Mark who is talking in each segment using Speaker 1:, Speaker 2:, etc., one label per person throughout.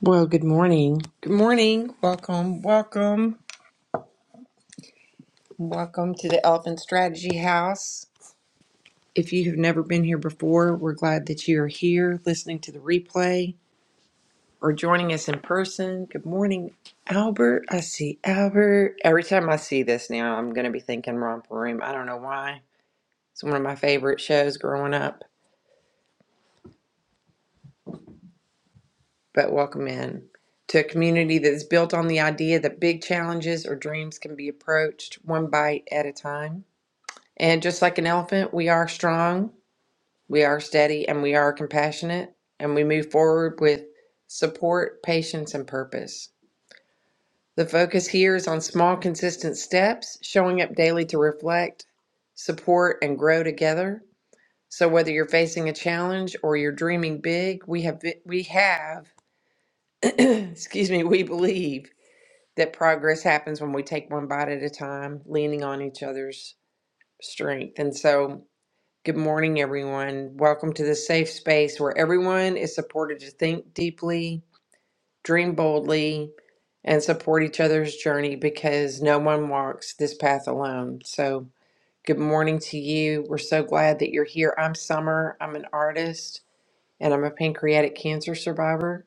Speaker 1: Well, good morning. Good morning. Welcome, welcome, welcome to the Elephant Strategy House. If you have never been here before, we're glad that you are here listening to the replay or joining us in person. Good morning, Albert. I see Albert. Every time I see this now, I'm going to be thinking Romper Room. I don't know why. It's one of my favorite shows growing up, but welcome in to a community that is built on the idea that big challenges or dreams can be approached one bite at a time. And just like an elephant, we are strong, we are steady, and we are compassionate, and we move forward with support, patience, and purpose. The focus here is on small, consistent steps, showing up daily to reflect, support, and grow together. So whether you're facing a challenge or you're dreaming big, we have we have, excuse me, we believe that progress happens when we take one bite at a time, leaning on each other's strength. And so Good morning, everyone. Welcome to the safe space where everyone is supported to think deeply, dream boldly, and support each other's journey because no one walks this path alone. So, good morning to you. We're so glad that you're here. I'm Summer. I'm an artist and I'm a pancreatic cancer survivor,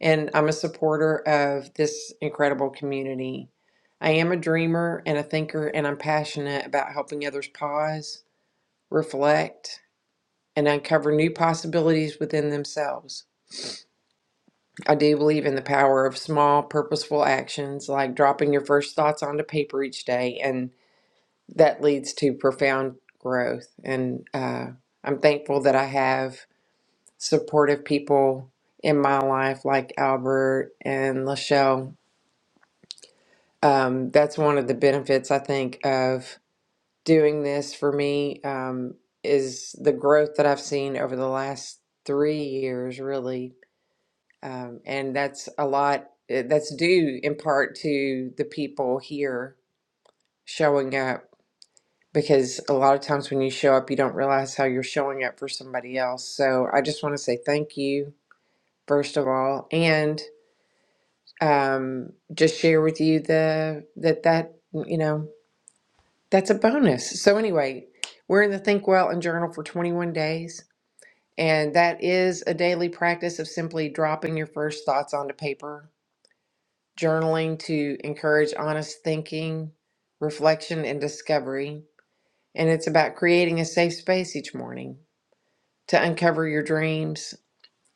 Speaker 1: and I'm a supporter of this incredible community. I am a dreamer and a thinker, and I'm passionate about helping others pause, reflect, and uncover new possibilities within themselves. I do believe in the power of small, purposeful actions like dropping your first thoughts onto paper each day, and that leads to profound growth. And uh, I'm thankful that I have supportive people in my life like Albert and Lachelle. Um, that's one of the benefits I think of doing this for me um, is the growth that I've seen over the last three years, really Um, and that's a lot, eh, that's due in part to the people here showing up because a lot of times when you show up, you don't realize how you're showing up for somebody else. So I just want to say thank you, first of all, and um, just share with you the that that you know that's a bonus. So anyway, we're in the Think Well and Journal for 21 days, and that is a daily practice of simply dropping your first thoughts onto paper journaling to encourage honest thinking, reflection, and discovery. And it's about creating a safe space each morning to uncover your dreams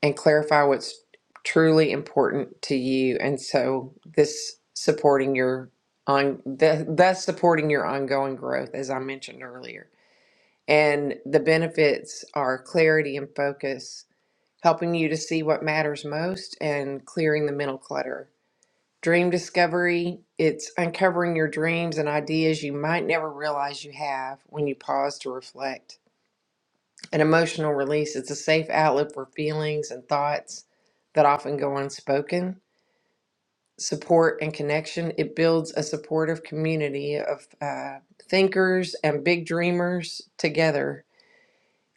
Speaker 1: and clarify what's truly important to you. And so this supporting your on the, thus supporting your ongoing growth, as I mentioned earlier. And the benefits are clarity and focus, helping you to see what matters most and clearing the mental clutter Dream discovery, it's uncovering your dreams and ideas you might never realize you have when you pause to reflect. An emotional release, it's a safe outlet for feelings and thoughts that often go unspoken. Support and connection, it builds a supportive community of uh, thinkers and big dreamers together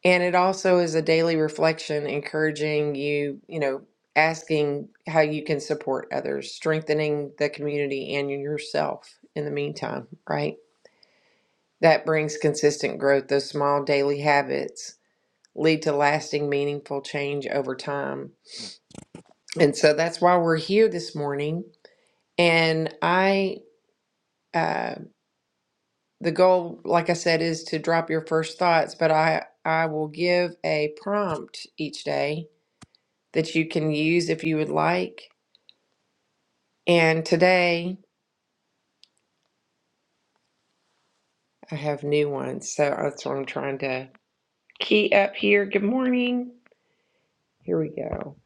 Speaker 1: and it also is a daily reflection, encouraging you, you know, asking how you can support others, strengthening the community and yourself in the meantime, right? That brings consistent growth. Those small daily habits lead to lasting, meaningful change over time. And so that's why we're here this morning. And I, uh, the goal, like I said, is to drop your first thoughts, but I, I will give a prompt each day that you can use if you would like. And today I have new ones, so that's what I'm trying to key up here. Good morning. Here we go.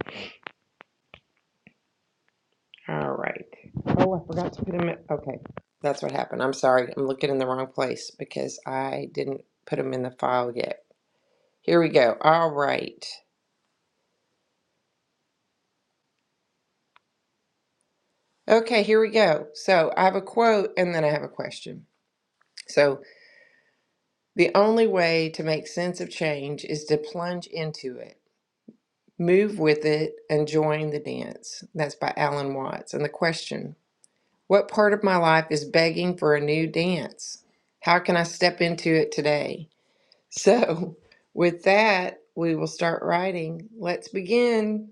Speaker 1: All right. Oh, I forgot to put them in. Okay, that's what happened. I'm sorry. I'm looking in the wrong place because I didn't put them in the file yet. Here we go. All right. Okay, here we go. So I have a quote and then I have a question. So the only way to make sense of change is to plunge into it. Move with it and join the dance. That's by Alan Watts. And the question What part of my life is begging for a new dance? How can I step into it today? So, with that, we will start writing. Let's begin.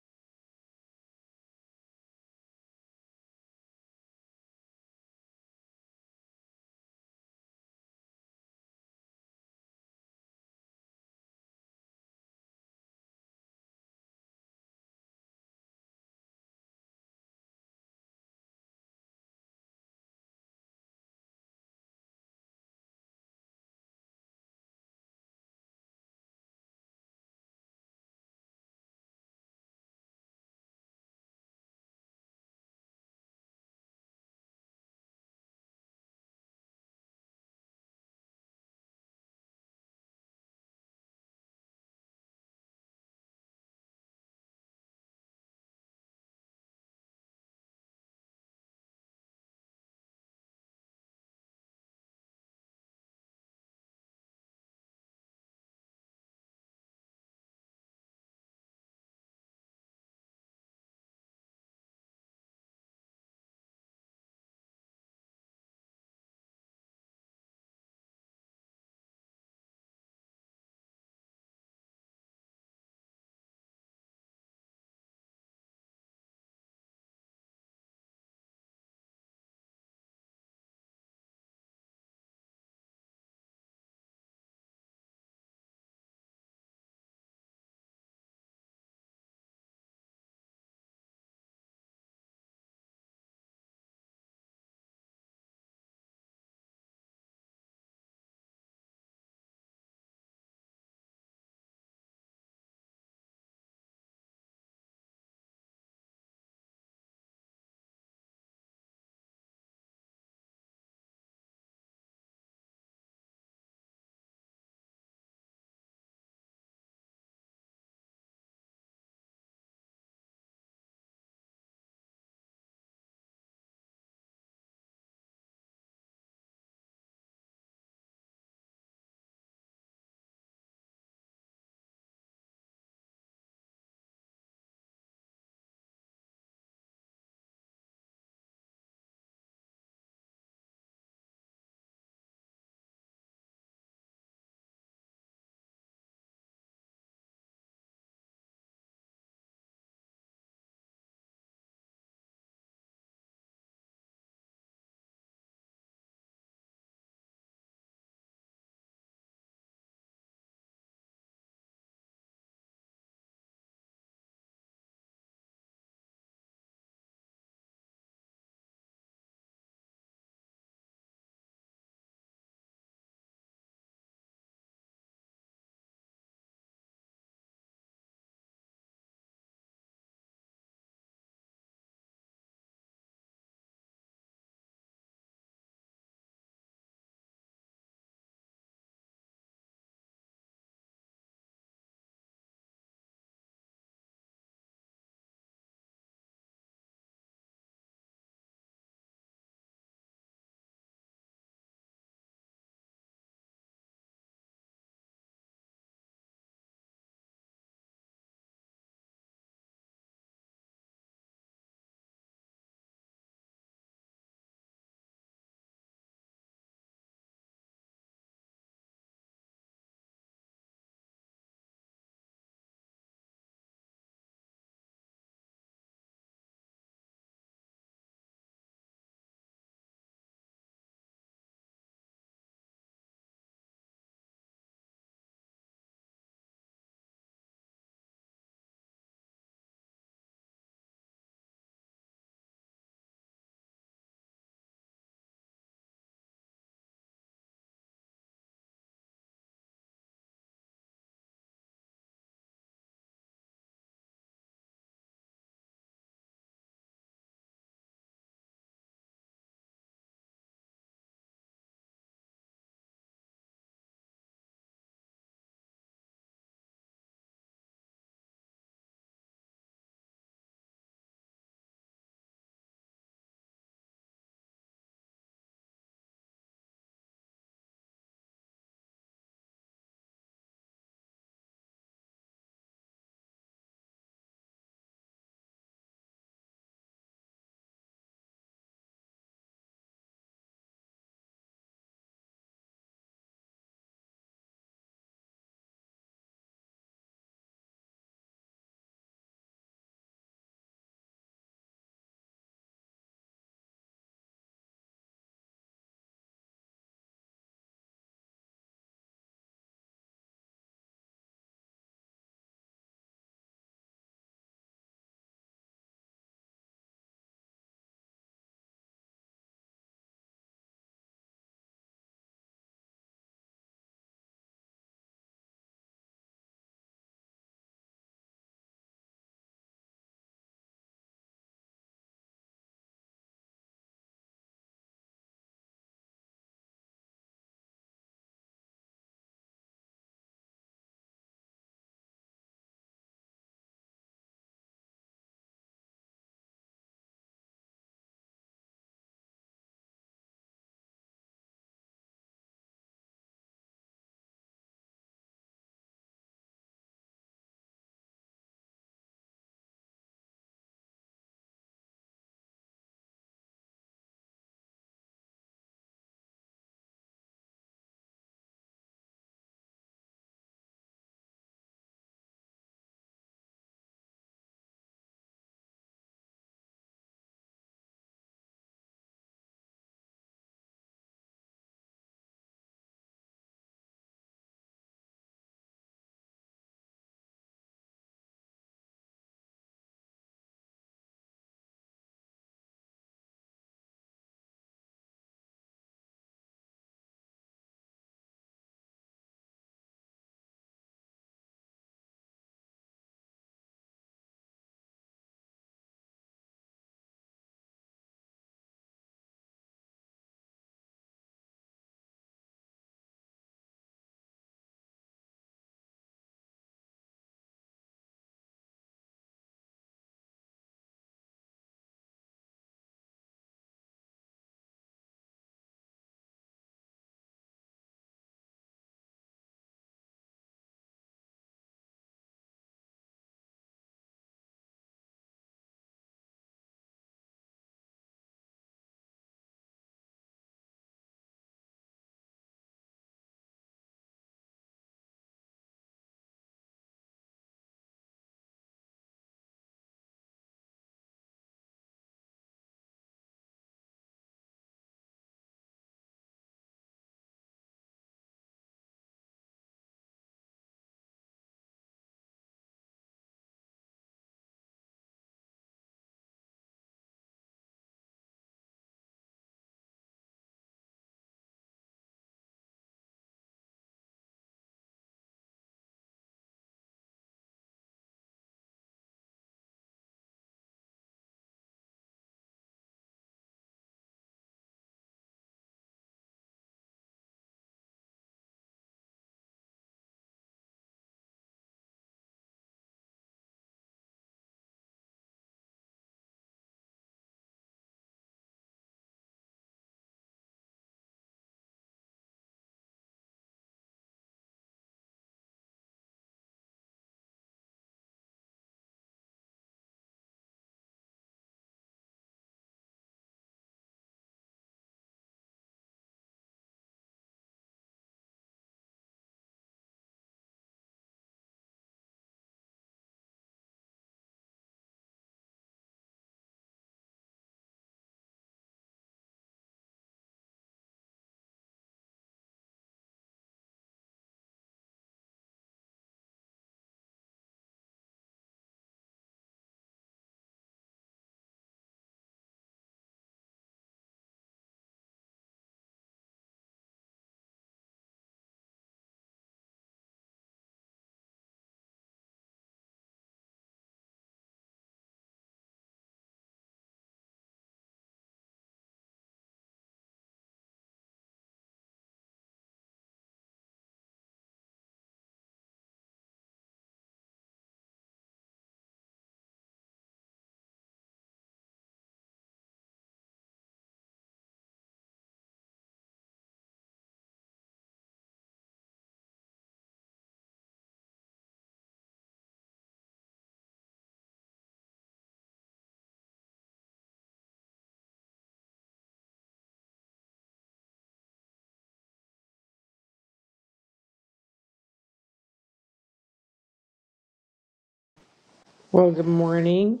Speaker 1: Well, good morning.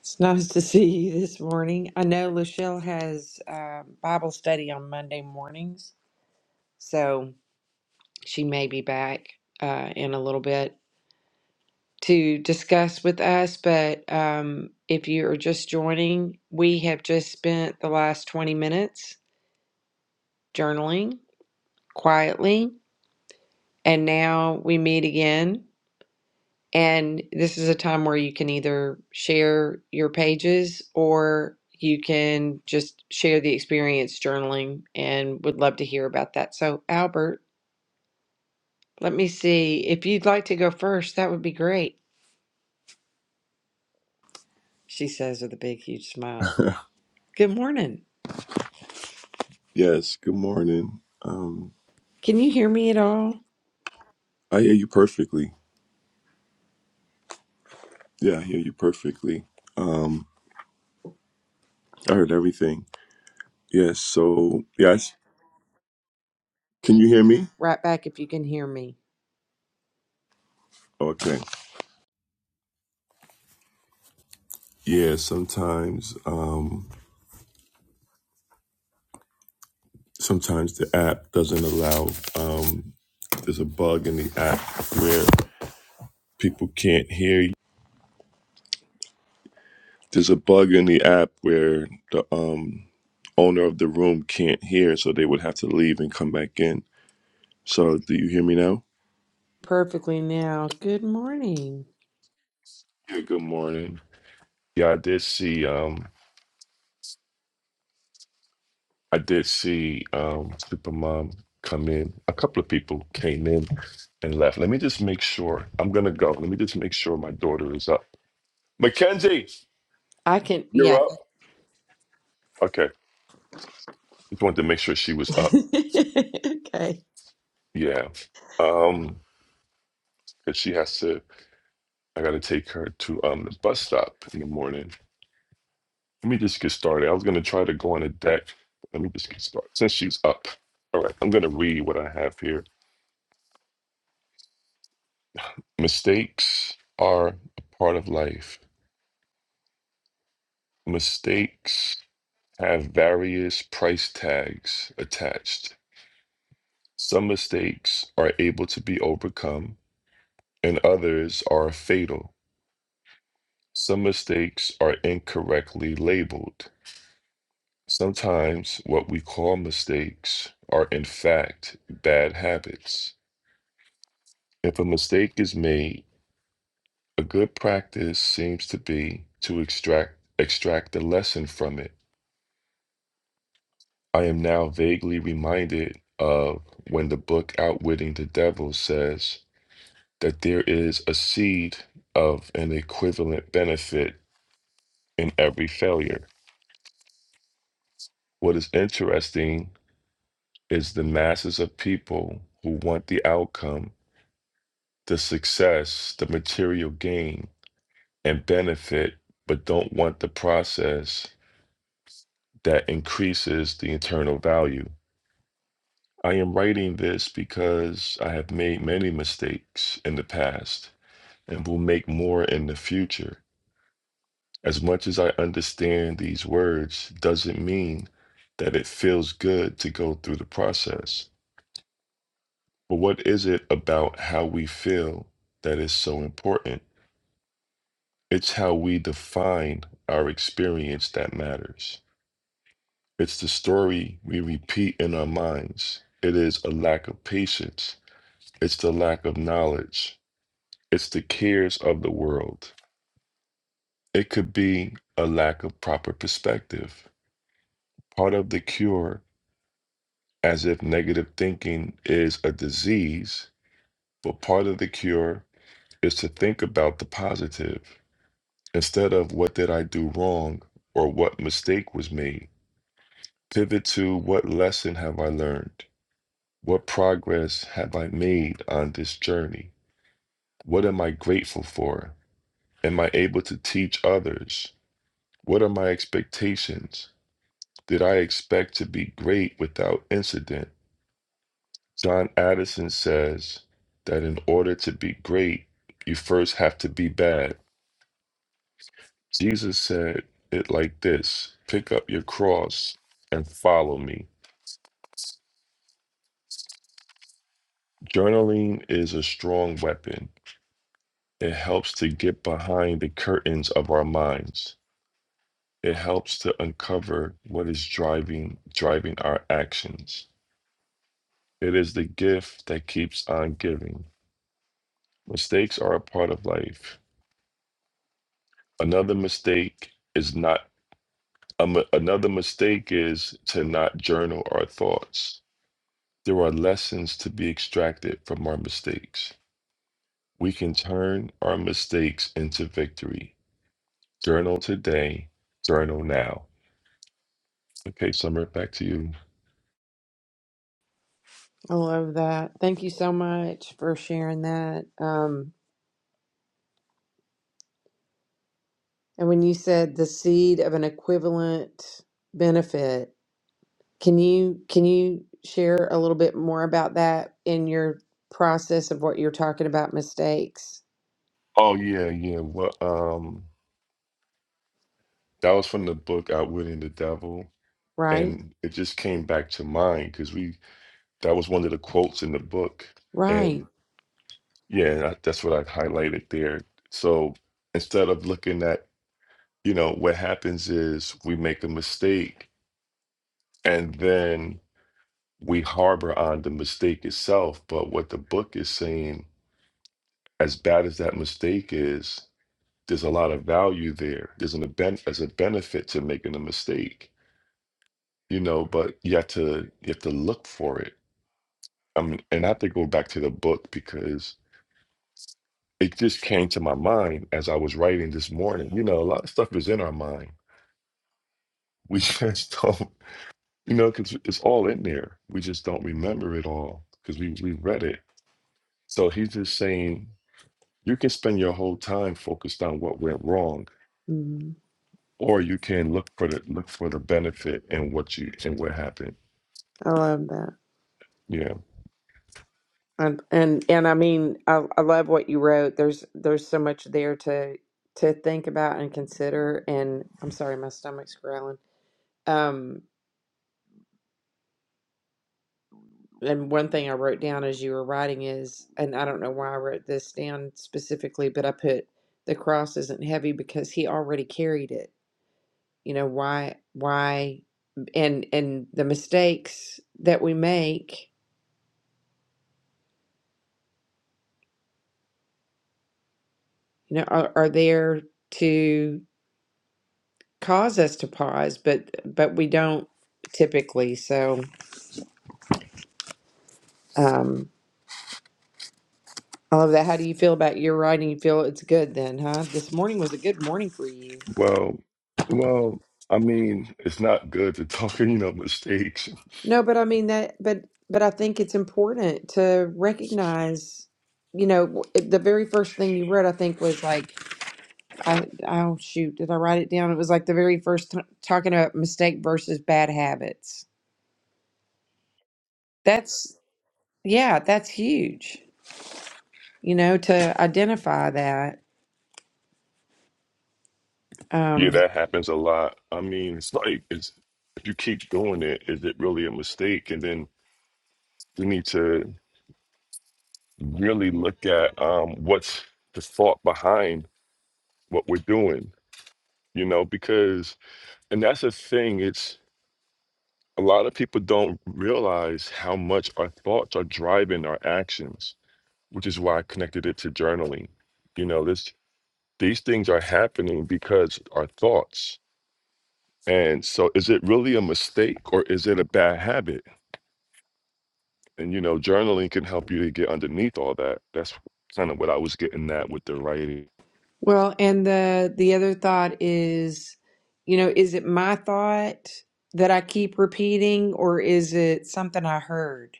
Speaker 1: It's nice to see you this morning. I know Lachelle has uh, Bible study on Monday mornings, so she may be back uh, in a little bit. to discuss with us, but um, if you are just joining, we have just spent the last 20 minutes journaling quietly, and now we meet again. And this is a time where you can either share your pages or you can just share the experience journaling and would love to hear about that. So, Albert, let me see. If you'd like to go first, that would be great, she says with a big, huge smile. Good morning.
Speaker 2: Yes, good morning. Um,
Speaker 1: Can you hear me at all?
Speaker 2: I hear you perfectly. Yeah, I hear you perfectly. Um, I heard everything. Yes, so yes, can you hear me?
Speaker 1: Right back if you can hear me.
Speaker 2: Okay. Yeah, sometimes um sometimes the app doesn't allow um there's a bug in the app where people can't hear you. There's a bug in the app where the um owner of the room can't hear, so they would have to leave and come back in. So do you hear me now?
Speaker 1: Perfectly now. Good morning.
Speaker 2: Yeah, good morning. Yeah, I did see. Um, I did see um, Supermom come in. A couple of people came in and left. Let me just make sure. I'm gonna go. Let me just make sure my daughter is up. Mackenzie,
Speaker 1: I can,
Speaker 2: you're
Speaker 1: yeah.
Speaker 2: up. Okay, just wanted to make sure she was up.
Speaker 1: okay.
Speaker 2: Yeah, um, because she has to. I gotta take her to um the bus stop in the morning. Let me just get started. I was gonna try to go on a deck. Let me just get started since she's up. All right, I'm gonna read what I have here. Mistakes are a part of life. Mistakes have various price tags attached. Some mistakes are able to be overcome, and others are fatal. Some mistakes are incorrectly labeled. Sometimes what we call mistakes are in fact bad habits. If a mistake is made, a good practice seems to be to extract extract a lesson from it I am now vaguely reminded of when the book Outwitting the Devil says that there is a seed of an equivalent benefit in every failure. What is interesting is the masses of people who want the outcome, the success, the material gain, and benefit, but don't want the process that increases the internal value. I am writing this because I have made many mistakes in the past and will make more in the future. As much as I understand these words, doesn't mean that it feels good to go through the process. But what is it about how we feel that is so important? It's how we define our experience that matters. It's the story we repeat in our minds. It is a lack of patience. It's the lack of knowledge. It's the cares of the world. It could be a lack of proper perspective. Part of the cure, as if negative thinking is a disease, but part of the cure is to think about the positive. Instead of what did I do wrong or what mistake was made, pivot to what lesson have I learned? What progress have I made on this journey? What am I grateful for? Am I able to teach others? What are my expectations? Did I expect to be great without incident? John Addison says that in order to be great, you first have to be bad. Jesus said it like this pick up your cross and follow me. Journaling is a strong weapon. It helps to get behind the curtains of our minds. It helps to uncover what is driving driving our actions. It is the gift that keeps on giving. Mistakes are a part of life. Another mistake is not Um, another mistake is to not journal our thoughts. There are lessons to be extracted from our mistakes. We can turn our mistakes into victory. Journal today, journal now. Okay, Summer, back to you.
Speaker 1: I love that. Thank you so much for sharing that. Um, and when you said the seed of an equivalent benefit, can you can you share a little bit more about that in your process of what you're talking about mistakes?
Speaker 2: Oh yeah, yeah. Well, um, that was from the book Outwitting the Devil,
Speaker 1: Right?
Speaker 2: and it just came back to mind because we that was one of the quotes in the book,
Speaker 1: Right.
Speaker 2: and yeah, that- that's what I highlighted there. So instead of looking at you know, what happens is we make a mistake and then we harbor on the mistake itself. But what the book is saying, as bad as that mistake is, there's a lot of value there. There's an ben- as a benefit to making a mistake, you know, but you have to you have to look for it. I mean, and I have to go back to the book because it just came to my mind as I was writing this morning. You know, a lot of stuff is in our mind. We just don't. You know, because it's all in there. We just don't remember it all because we, we read it. So he's just saying you can spend your whole time focused on what went wrong,
Speaker 1: Mhm.
Speaker 2: or you can look for the look for the benefit in what you in what happened.
Speaker 1: I love that.
Speaker 2: Yeah.
Speaker 1: And and and I mean, I I love what you wrote. There's there's so much there to to think about and consider. And I'm sorry, my stomach's growling. Um, and one thing I wrote down as you were writing is, and I don't know why I wrote this down specifically, but I put the cross isn't heavy because he already carried it. You know, why why and and the mistakes that we make, you know, are, are there to cause us to pause, but but we don't typically. So um, I love that. How do you feel about your writing? You feel it's good then, huh? This morning was a good morning for you.
Speaker 2: Well, well, I mean, it's not good to talk, you know, mistakes.
Speaker 1: No, but I mean that. But but I think it's important to recognize. You know, w- the very first thing you wrote, I think, was like, I, oh shoot, did I write it down? It was like the very first t- talking about mistake versus bad habits. That's, yeah, that's huge, you know, to identify that.
Speaker 2: Yeah,
Speaker 1: Um,
Speaker 2: that happens a lot. I mean, it's like it's if you keep doing it, is it really a mistake? And then we need to really look at um what's the thought behind what we're doing, you know, because, and that's the thing, it's a lot of people don't realize how much our thoughts are driving our actions, which is why I connected it to journaling. You know, this, these things are happening because our thoughts. And so is it really a mistake or is it a bad habit? And, you know, journaling can help you to get underneath all that. That's kind of what I was getting at with the writing.
Speaker 1: Well, and the the other thought is, you know, is it my thought that I keep repeating or is it something I heard?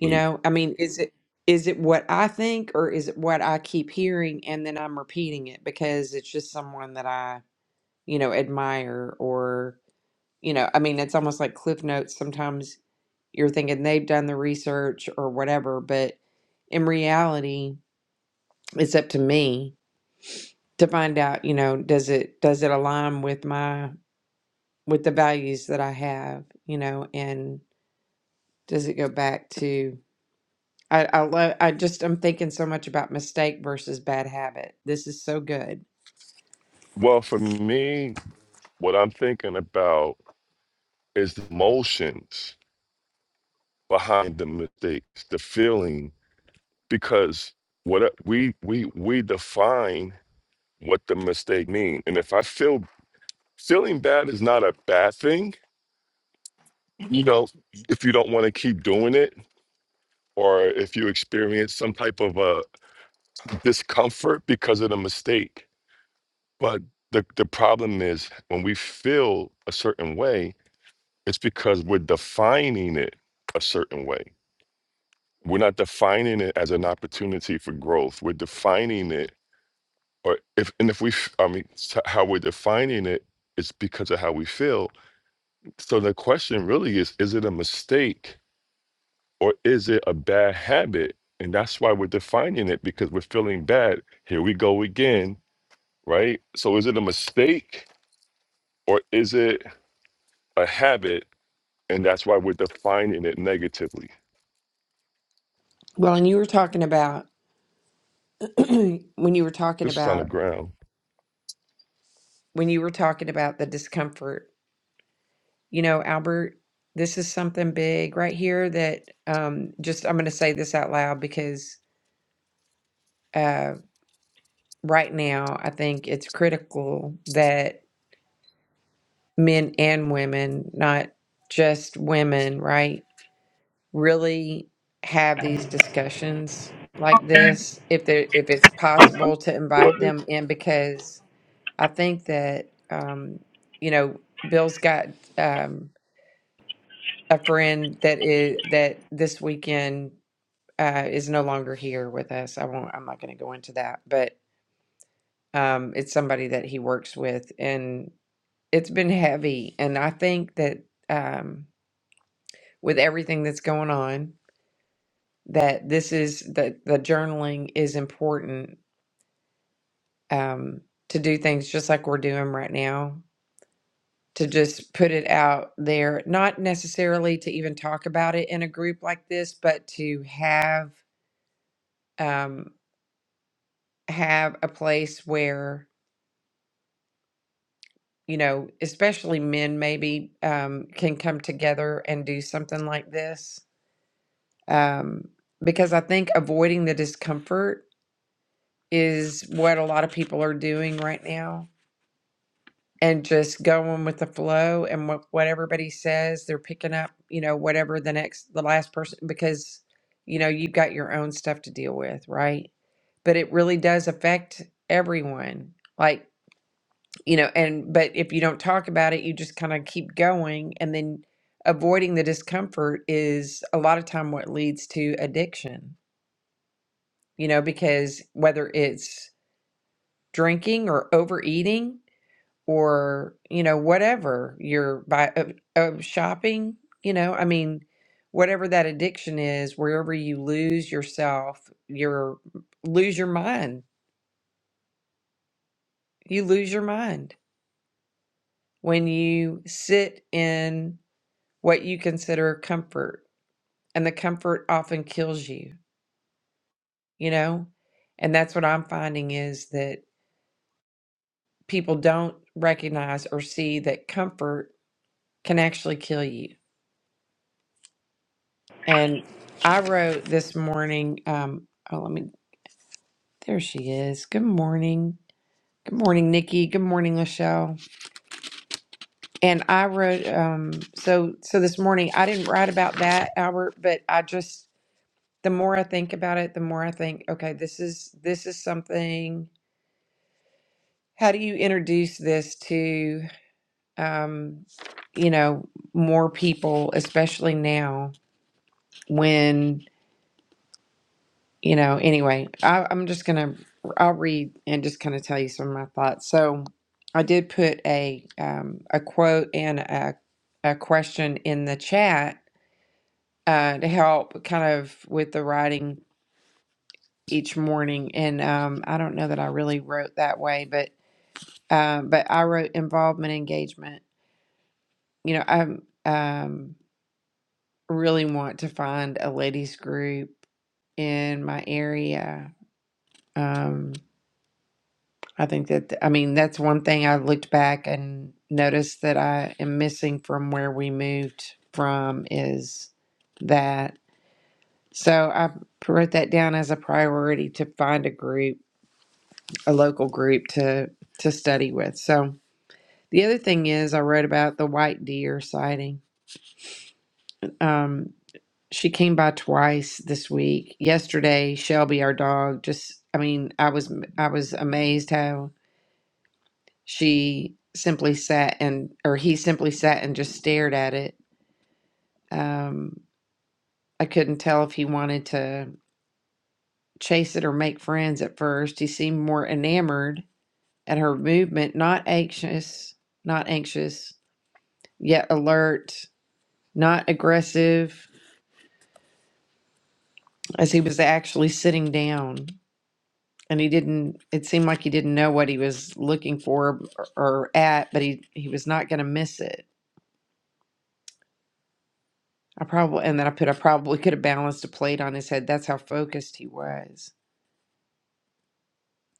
Speaker 1: You know, I mean, is it is it what I think or is it what I keep hearing and then I'm repeating it because it's just someone that I, you know, admire or, you know, I mean, it's almost like Cliff Notes. Sometimes you're thinking they've done the research or whatever, but in reality, it's up to me to find out, you know, does it does it align with my with the values that I have, you know, and does it go back to I I love I just I'm thinking so much about mistake versus bad habit. This is so good.
Speaker 2: Well, for me, what I'm thinking about It's the emotions behind the mistakes, the feeling, because what we we we define what the mistake means. And if I feel feeling bad is not a bad thing, you know, if you don't want to keep doing it or if you experience some type of a discomfort because of the mistake. But the, the problem is when we feel a certain way, it's because we're defining it a certain way. We're not defining it as an opportunity for growth. We're defining it, or if and if we, f- I mean, s- how we're defining it is because of how we feel. So the question really is: Is it a mistake or is it a bad habit? And that's why we're defining it because we're feeling bad. Here we go again, right? So is it a mistake or is it a habit? And that's why we're defining it negatively.
Speaker 1: Well, and you were talking about when you were talking
Speaker 2: This is on the
Speaker 1: about
Speaker 2: ground.
Speaker 1: when you were talking about the discomfort, you know, Albert, this is something big right here that um just I'm going to say this out loud because uh right now I think it's critical that men and women, not just women, right? Really have these discussions like this if they if it's possible to invite them in because I think that um you know Bill's got um a friend that is that this weekend uh is no longer here with us. I won't I'm not going to go into that, but um it's somebody that he works with and it's been heavy and I think that um with everything that's going on that this is that the journaling is important um, to do things just like we're doing right now to just put it out there not necessarily to even talk about it in a group like this but to have um, have a place where you know especially men maybe um, can come together and do something like this um, because i think avoiding the discomfort is what a lot of people are doing right now and just going with the flow and what, what everybody says they're picking up you know whatever the next the last person because you know you've got your own stuff to deal with right but it really does affect everyone like you know and but if you don't talk about it you just kind of keep going and then avoiding the discomfort is a lot of time what leads to addiction you know because whether it's drinking or overeating or you know whatever you're by uh, uh, shopping you know i mean whatever that addiction is wherever you lose yourself your lose your mind you lose your mind when you sit in what you consider comfort and the comfort often kills you you know and that's what i'm finding is that people don't recognize or see that comfort can actually kill you And I wrote this morning, um, oh, let me, there she is. Good morning. Good morning, Nikki. Good morning, Lachelle. And I wrote, um, so, so this morning I didn't write about that, Albert, but I just, the more I think about it, the more I think, okay, this is, this is something, how do you introduce this to, um, you know, more people, especially now when you know, anyway, I, I'm just gonna I'll read and just kind of tell you some of my thoughts. So I did put a um, a quote and a a question in the chat uh, to help kind of with the writing each morning. And um, I don't know that I really wrote that way, but um, but I wrote involvement engagement. You know, I um, really want to find a ladies group in my area. Um, I think that, I mean, that's one thing I looked back and noticed that I am missing from where we moved from is that. So I wrote that down as a priority to find a group, a local group to to study with. So the other thing is I wrote about the white deer sighting. Um, she came by twice this week. Yesterday, Shelby, our dog, just I mean, I was I was amazed how she simply sat and or he simply sat and just stared at it um i couldn't tell if he wanted to chase it or make friends at first he seemed more enamored at her movement not anxious not anxious yet alert not aggressive as he was actually sitting down and he didn't it seemed like he didn't know what he was looking for or, or at but he he was not going to miss it I probably and then I put I probably could have balanced a plate on his head. That's how focused he was.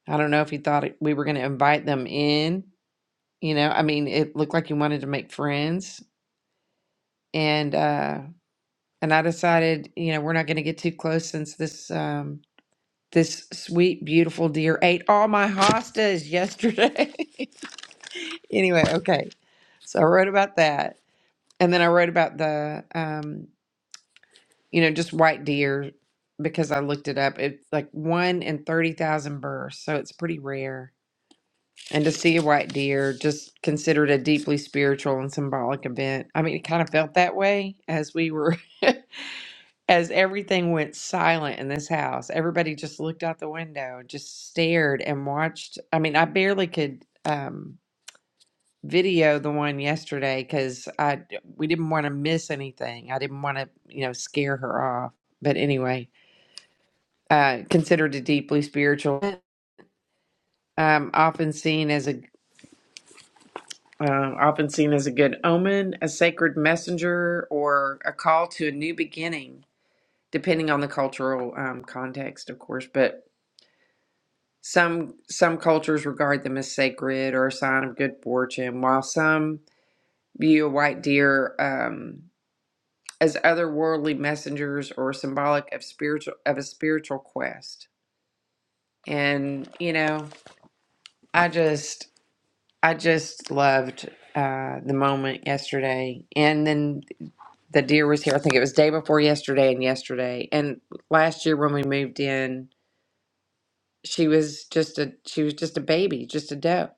Speaker 1: I don't know if he thought it, we were going to invite them in. You know, I mean, it looked like he wanted to make friends, and uh, and I decided, you know, we're not going to get too close since this um, this sweet, beautiful deer ate all my hostas yesterday. anyway, okay, so I wrote about that, and then I wrote about the um, you know, just white deer because I looked it up. It's like one in 30,000 births, so it's pretty rare. And to see a white deer just considered a deeply spiritual and symbolic event. I mean, it kind of felt that way as we were, as everything went silent in this house. Everybody just looked out the window, just stared and watched. I mean, I barely could um, video the one yesterday because I we didn't want to miss anything. I didn't want to, you know, scare her off. But anyway, uh, considered a deeply spiritual, um, often seen as a uh, often seen as a good omen, a sacred messenger, or a call to a new beginning, depending on the cultural um, context, of course. But some some cultures regard them as sacred or a sign of good fortune, while some view a white deer um, as otherworldly messengers or symbolic of spiritual of a spiritual quest. And you know, I just I just loved uh, the moment yesterday, and then the deer was here. I think it was day before yesterday, and yesterday, and last year when we moved in, she was just a she was just a baby, just a doe,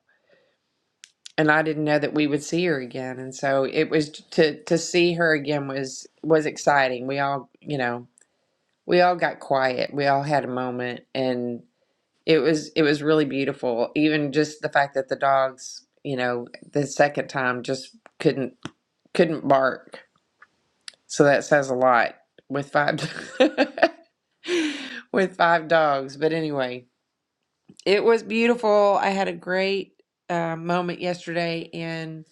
Speaker 1: and I didn't know that we would see her again. And so it was to to see her again was was exciting. We all you know we all got quiet. We all had a moment, and it was it was really beautiful. Even just the fact that the dogs, you know, the second time just couldn't. couldn't bark. So that says a lot with five with five dogs. But anyway, it was beautiful. I had a great uh, moment yesterday, and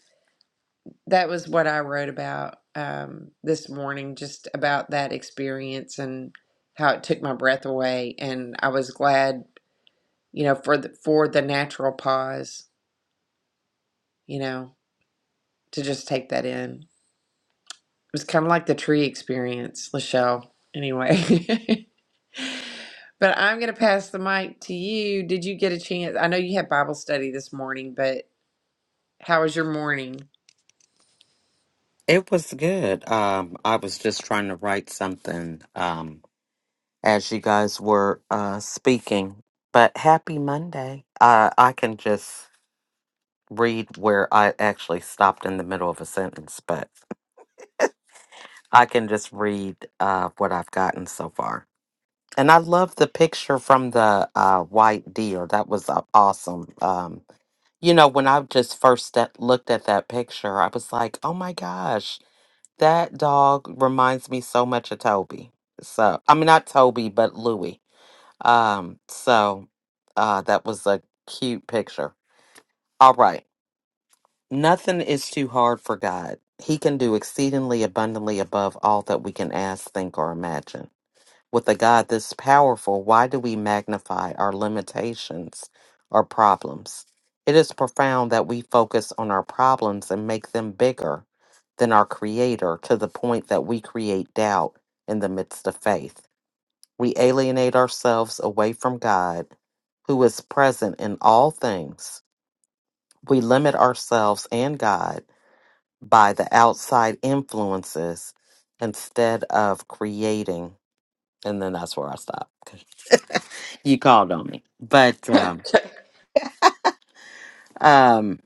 Speaker 1: that was what I wrote about um, this morning, just about that experience and how it took my breath away. And I was glad, you know, for the for the natural pause, you know, to just take that in. It was kind of like the tree experience, Lachelle. Anyway. But I'm going to pass the mic to you. Did you get a chance? I know you had Bible study this morning, but how was your morning?
Speaker 3: It was good. Um, I was just trying to write something um, as you guys were uh, speaking. But happy Monday. Uh, I can just read where I actually stopped in the middle of a sentence, but I can just read uh, what I've gotten so far. And I love the picture from the uh, white deer. That was uh, awesome. Um, you know, when I just first st- looked at that picture, I was like, oh my gosh That dog reminds me so much of Toby. So, I mean, not Toby, but Louie. Um, so uh, that was a cute picture. All right. Nothing is too hard for God. He can do exceedingly abundantly above all that we can ask, think, or imagine. With a God this powerful, why do we magnify our limitations or problems? It is profound that we focus on our problems and make them bigger than our Creator to the point that we create doubt in the midst of faith. We alienate ourselves away from God, who is present in all things. We limit ourselves and God by the outside influences instead of creating. And then that's where I stop. you called on me but um
Speaker 1: Okay.
Speaker 3: um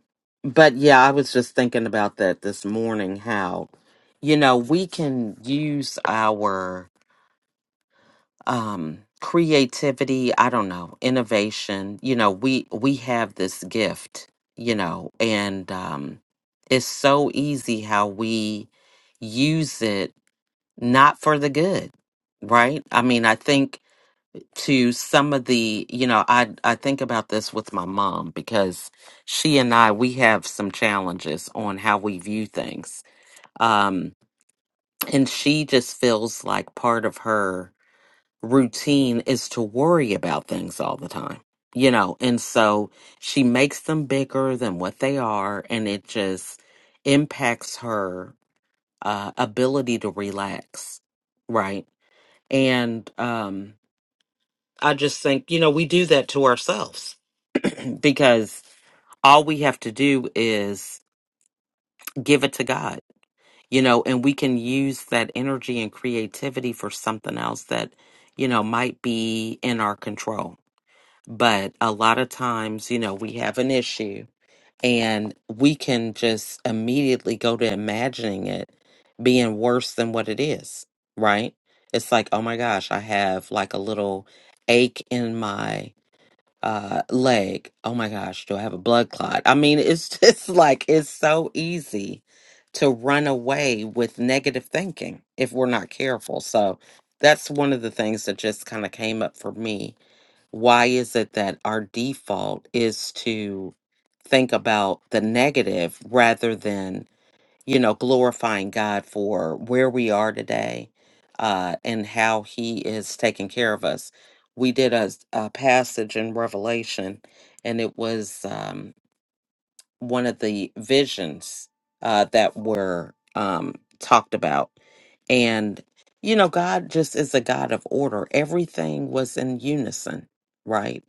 Speaker 3: but yeah i was just thinking about that this morning how you know we can use our um creativity i don't know innovation you know we we have this gift you know and um it's so easy how we use it not for the good right i mean i think to some of the you know i i think about this with my mom because she and i we have some challenges on how we view things um and she just feels like part of her routine is to worry about things all the time you know and so she makes them bigger than what they are and it just impacts her uh ability to relax right and um i just think you know we do that to ourselves because all we have to do is give it to God, you know, and we can use that energy and creativity for something else that, you know, might be in our control. But a lot of times, you know, we have an issue and we can just immediately go to imagining it being worse than what it is, right? It's like, oh my gosh, I have like a little ache in my uh leg oh my gosh do i have a blood clot i mean it's just like it's so easy to run away with negative thinking if we're not careful so that's one of the things that just kind of came up for me why is it that our default is to think about the negative rather than you know, glorifying God for where we are today uh, and how He is taking care of us. We did a, s- a passage in Revelation, and it was um, one of the visions uh, that were um, talked about. And, you know, God just is a God of order. Everything was in unison, right?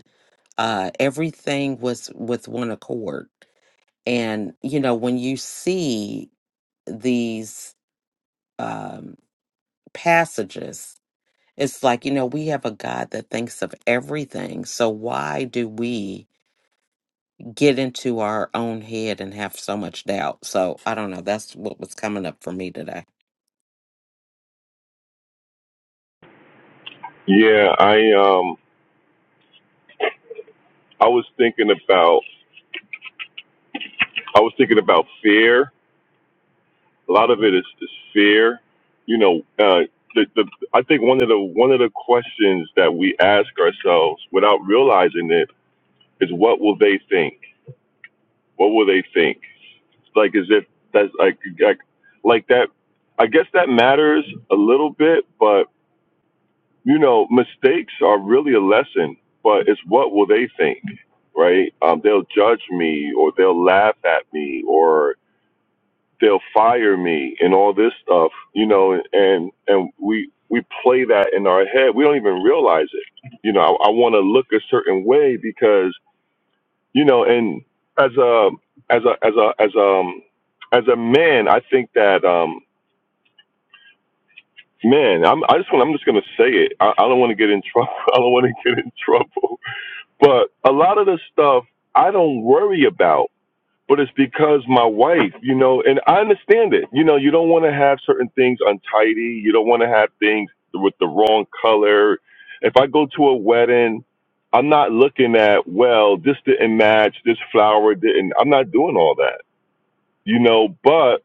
Speaker 3: Uh, everything was with one accord. And, you know, when you see these um, passages, it's like, you know, we have a God that thinks of everything. So why do we get into our own head and have so much doubt? So I don't know. That's what was coming up for me today.
Speaker 2: Yeah, I um I was thinking about I was thinking about fear. A lot of it is, is fear. You know, uh, the, the, I think one of the one of the questions that we ask ourselves without realizing it is, what will they think? What will they think? Like as if that's like like, like that. I guess that matters a little bit, but you know, mistakes are really a lesson. But it's what will they think, right? Um, they'll judge me, or they'll laugh at me, or they'll fire me and all this stuff, you know, and and we we play that in our head. We don't even realize it. You know, I, I want to look a certain way because you know, and as a as a as a as um as a man, I think that um man, I'm I just want I'm just gonna say it. I, I don't want to get in trouble. I don't want to get in trouble. But a lot of the stuff I don't worry about but it's because my wife, you know, and I understand it. You know, you don't want to have certain things untidy. You don't want to have things with the wrong color. If I go to a wedding, I'm not looking at, well, this didn't match, this flower didn't. I'm not doing all that, you know, but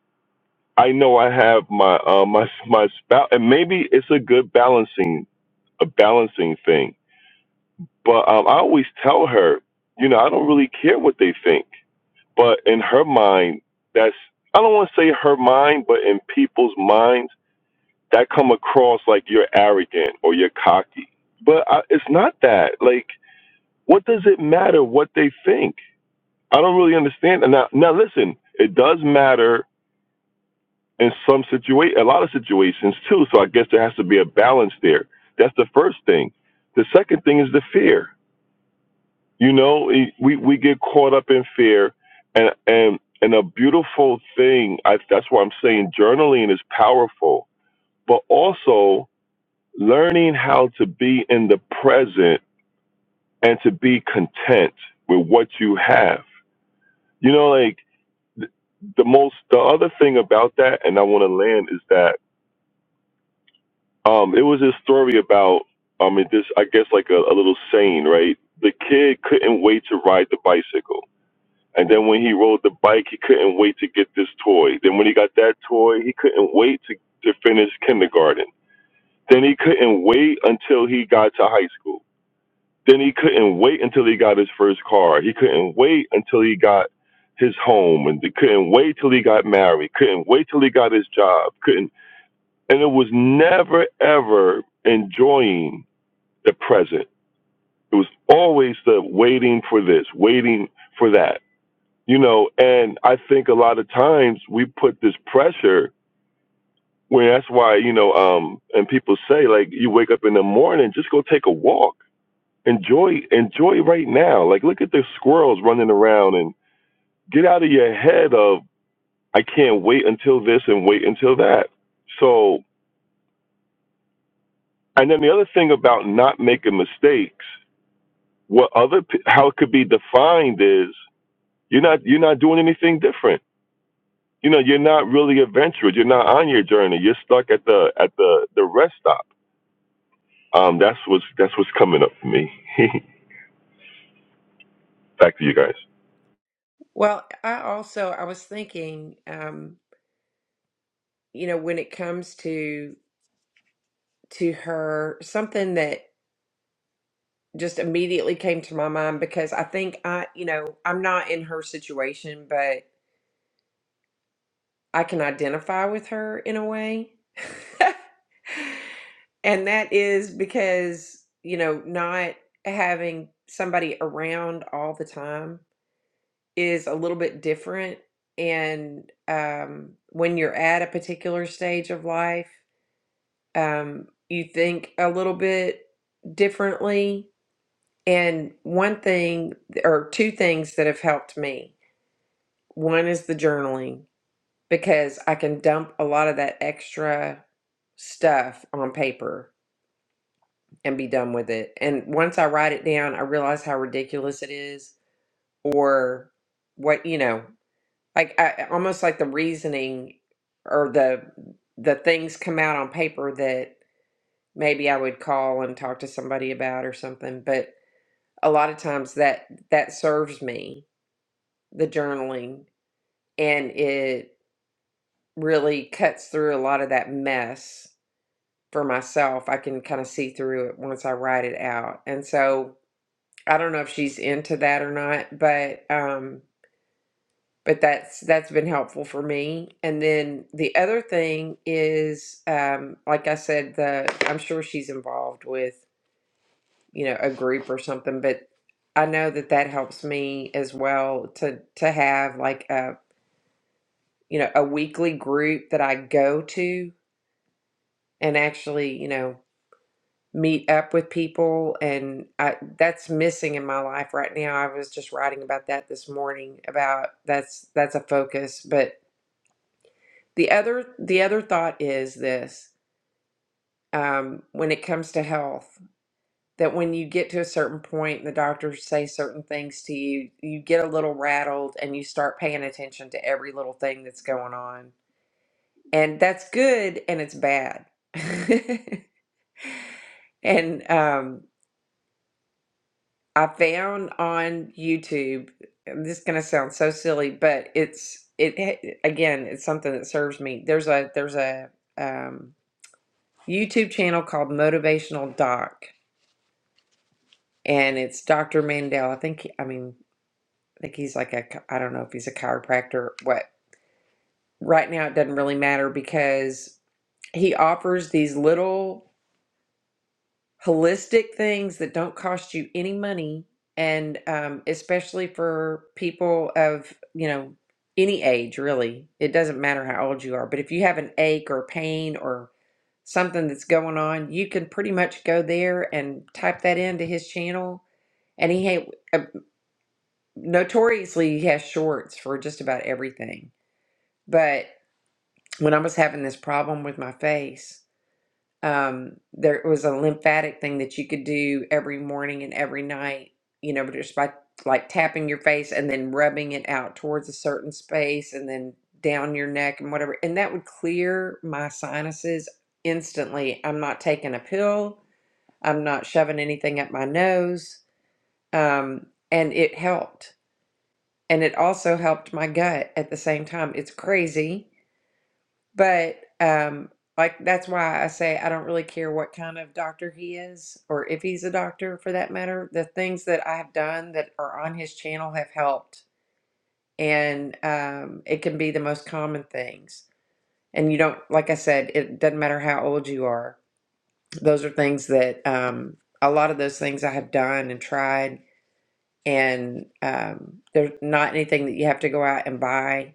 Speaker 2: I know I have my, uh, my, my spouse, and maybe it's a good balancing, a balancing thing. But um, I always tell her, you know, I don't really care what they think but in her mind, that's I don't want to say her mind, but in people's minds, that come across like you're arrogant or you're cocky. But I, it's not that. Like, what does it matter what they think? I don't really understand. And now, now listen, it does matter in some situation, a lot of situations too. So I guess there has to be a balance there. That's the first thing. The second thing is the fear. You know, it, we we get caught up in fear, and and and a beautiful thing. I, that's why I'm saying journaling is powerful, but also learning how to be in the present and to be content with what you have. You know, like th- the most the other thing about that, and I want to land is that um, it was this story about I mean this I guess like a, a little saying, right? The kid couldn't wait to ride the bicycle And then when he rode the bike, he couldn't wait to get this toy. Then when he got that toy, he couldn't wait to, to finish kindergarten. Then he couldn't wait until he got to high school. Then he couldn't wait until he got his first car. He couldn't wait until he got his home and he couldn't wait till he got married. Couldn't wait till he got his job. Couldn't and it was never ever enjoying the present. It was always the waiting for this, waiting for that you know and i think a lot of times we put this pressure when that's why you know um and people say like you wake up in the morning just go take a walk enjoy enjoy right now like look at the squirrels running around and get out of your head of i can't wait until this and wait until that so and then the other thing about not making mistakes what other pe- how it could be defined is you're not you're not doing anything different you know you're not really adventurous you're not on your journey you're stuck at the at the the rest stop um that's what's that's what's coming up for me back to you guys
Speaker 1: Well, I also I was thinking, um, you know, when it comes to to her, something that just immediately came to my mind because I think I, you know, I'm not in her situation, but. I can identify with her in a way. and that is because, you know, not having somebody around all the time is a little bit different. And um, when you're at a particular stage of life, um, you think a little bit differently. And one thing, or two things that have helped me one is the journaling because I can dump a lot of that extra stuff on paper and be done with it. And once I write it down, I realize how ridiculous it is or what, you know, like I almost like the reasoning or the the things come out on paper that maybe I would call and talk to somebody about or something, but a lot of times that that serves me the journaling and it really cuts through a lot of that mess for myself. I can kind of see through it once I write it out. And so I don't know if she's into that or not, but um but that's that's been helpful for me. And then the other thing is um like I said the I'm sure she's involved with, you know, a group or something, but I know that that helps me as well to to have like a you know a weekly group that I go to and actually, you know, meet up with people and I, that's missing in my life right now. I was just writing about that this morning about that's that's a focus. But the other the other thought is this um, when it comes to health that when you get to a certain point and the doctors say certain things to you, you get a little rattled and you start paying attention to every little thing that's going on. And that's good and it's bad. and um I found on YouTube, this is going to sound so silly, but it's it again, it's something that serves me. There's a there's a um, YouTube channel called Motivational Doc, and it's Dr. Mandel. I think he- I mean I think he's like a chi- I don't know if he's a chiropractor or what. Right now, it doesn't really matter because he offers these little holistic things that don't cost you any money and um, especially for people of you know any age really it doesn't matter how old you are but if you have an ache or pain or something that's going on you can pretty much go there and type that into his channel and he ha- uh, notoriously he has shorts for just about everything but when i was having this problem with my face um, there was a lymphatic thing that you could do every morning and every night, you know, just by like tapping your face and then rubbing it out towards a certain space and then down your neck and whatever. And that would clear my sinuses instantly. I'm not taking a pill, I'm not shoving anything up my nose. Um, and it helped. And it also helped my gut at the same time. It's crazy but um, like that's why I say I don't really care what kind of doctor he is, or if he's a doctor for that matter. The things that I have done that are on his channel have helped, and um, it can be the most common things. And you don't, like I said, it doesn't matter how old you are. Those are things that um, a lot of those things I have done and tried, and um, they're not anything that you have to go out and buy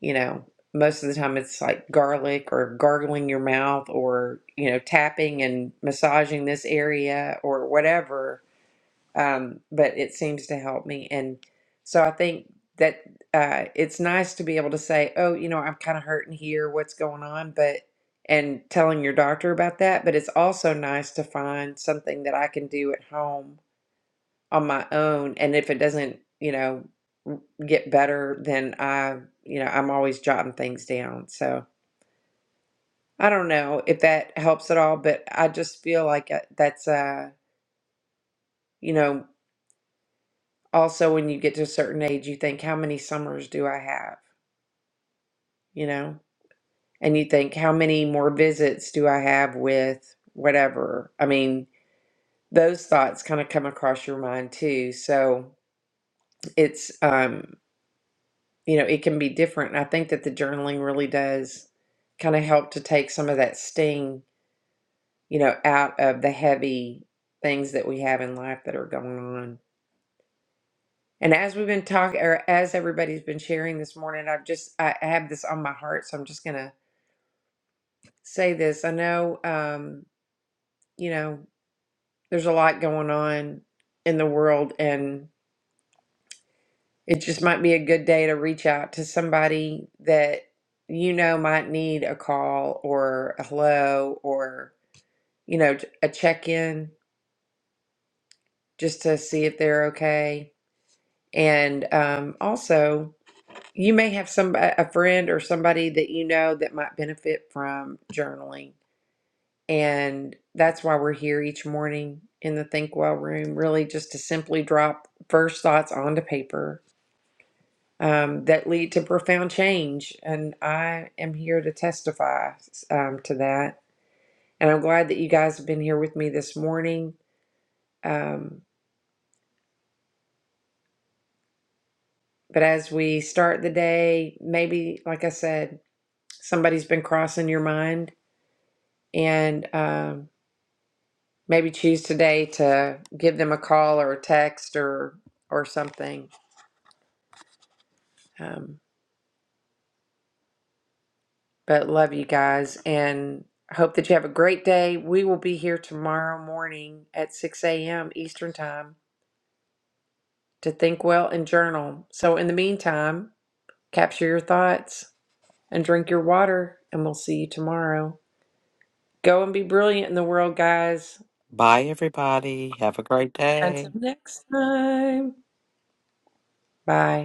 Speaker 1: you know most of the time it's like garlic or gargling your mouth or you know tapping and massaging this area or whatever um, but it seems to help me and so i think that uh, it's nice to be able to say oh you know i'm kind of hurting here what's going on but and telling your doctor about that but it's also nice to find something that i can do at home on my own and if it doesn't you know get better then i you know i'm always jotting things down so i don't know if that helps at all but i just feel like uh, that's uh you know also when you get to a certain age you think how many summers do i have you know and you think how many more visits do i have with whatever i mean those thoughts kind of come across your mind too so it's um you know, it can be different. And I think that the journaling really does kind of help to take some of that sting, you know, out of the heavy things that we have in life that are going on. And as we've been talking, or as everybody's been sharing this morning, I've just, I I have this on my heart. So I'm just going to say this. I know, um, you know, there's a lot going on in the world. and. It just might be a good day to reach out to somebody that you know might need a call or a hello or, you know, t- a check in just to see if they're okay. And um, also, you may have some a friend or somebody that you know that might benefit from journaling. And that's why we're here each morning in the Think Well room, really just to simply drop first thoughts onto paper um, that lead to profound change. And I am here to testify um, to that. And I'm glad that you guys have been here with me this morning. Um, but as we start the day, maybe, like I said, somebody's been crossing your mind, and um, maybe choose today to give them a call or a text or or something. Um, But love you guys and hope that you have a great day. We will be here tomorrow morning at 6 a.m. Eastern Time to think well and journal. So, in the meantime, capture your thoughts and drink your water, and we'll see you tomorrow. Go and be brilliant in the world, guys.
Speaker 3: Bye, everybody. Have a great
Speaker 1: Until
Speaker 3: day.
Speaker 1: next time, bye.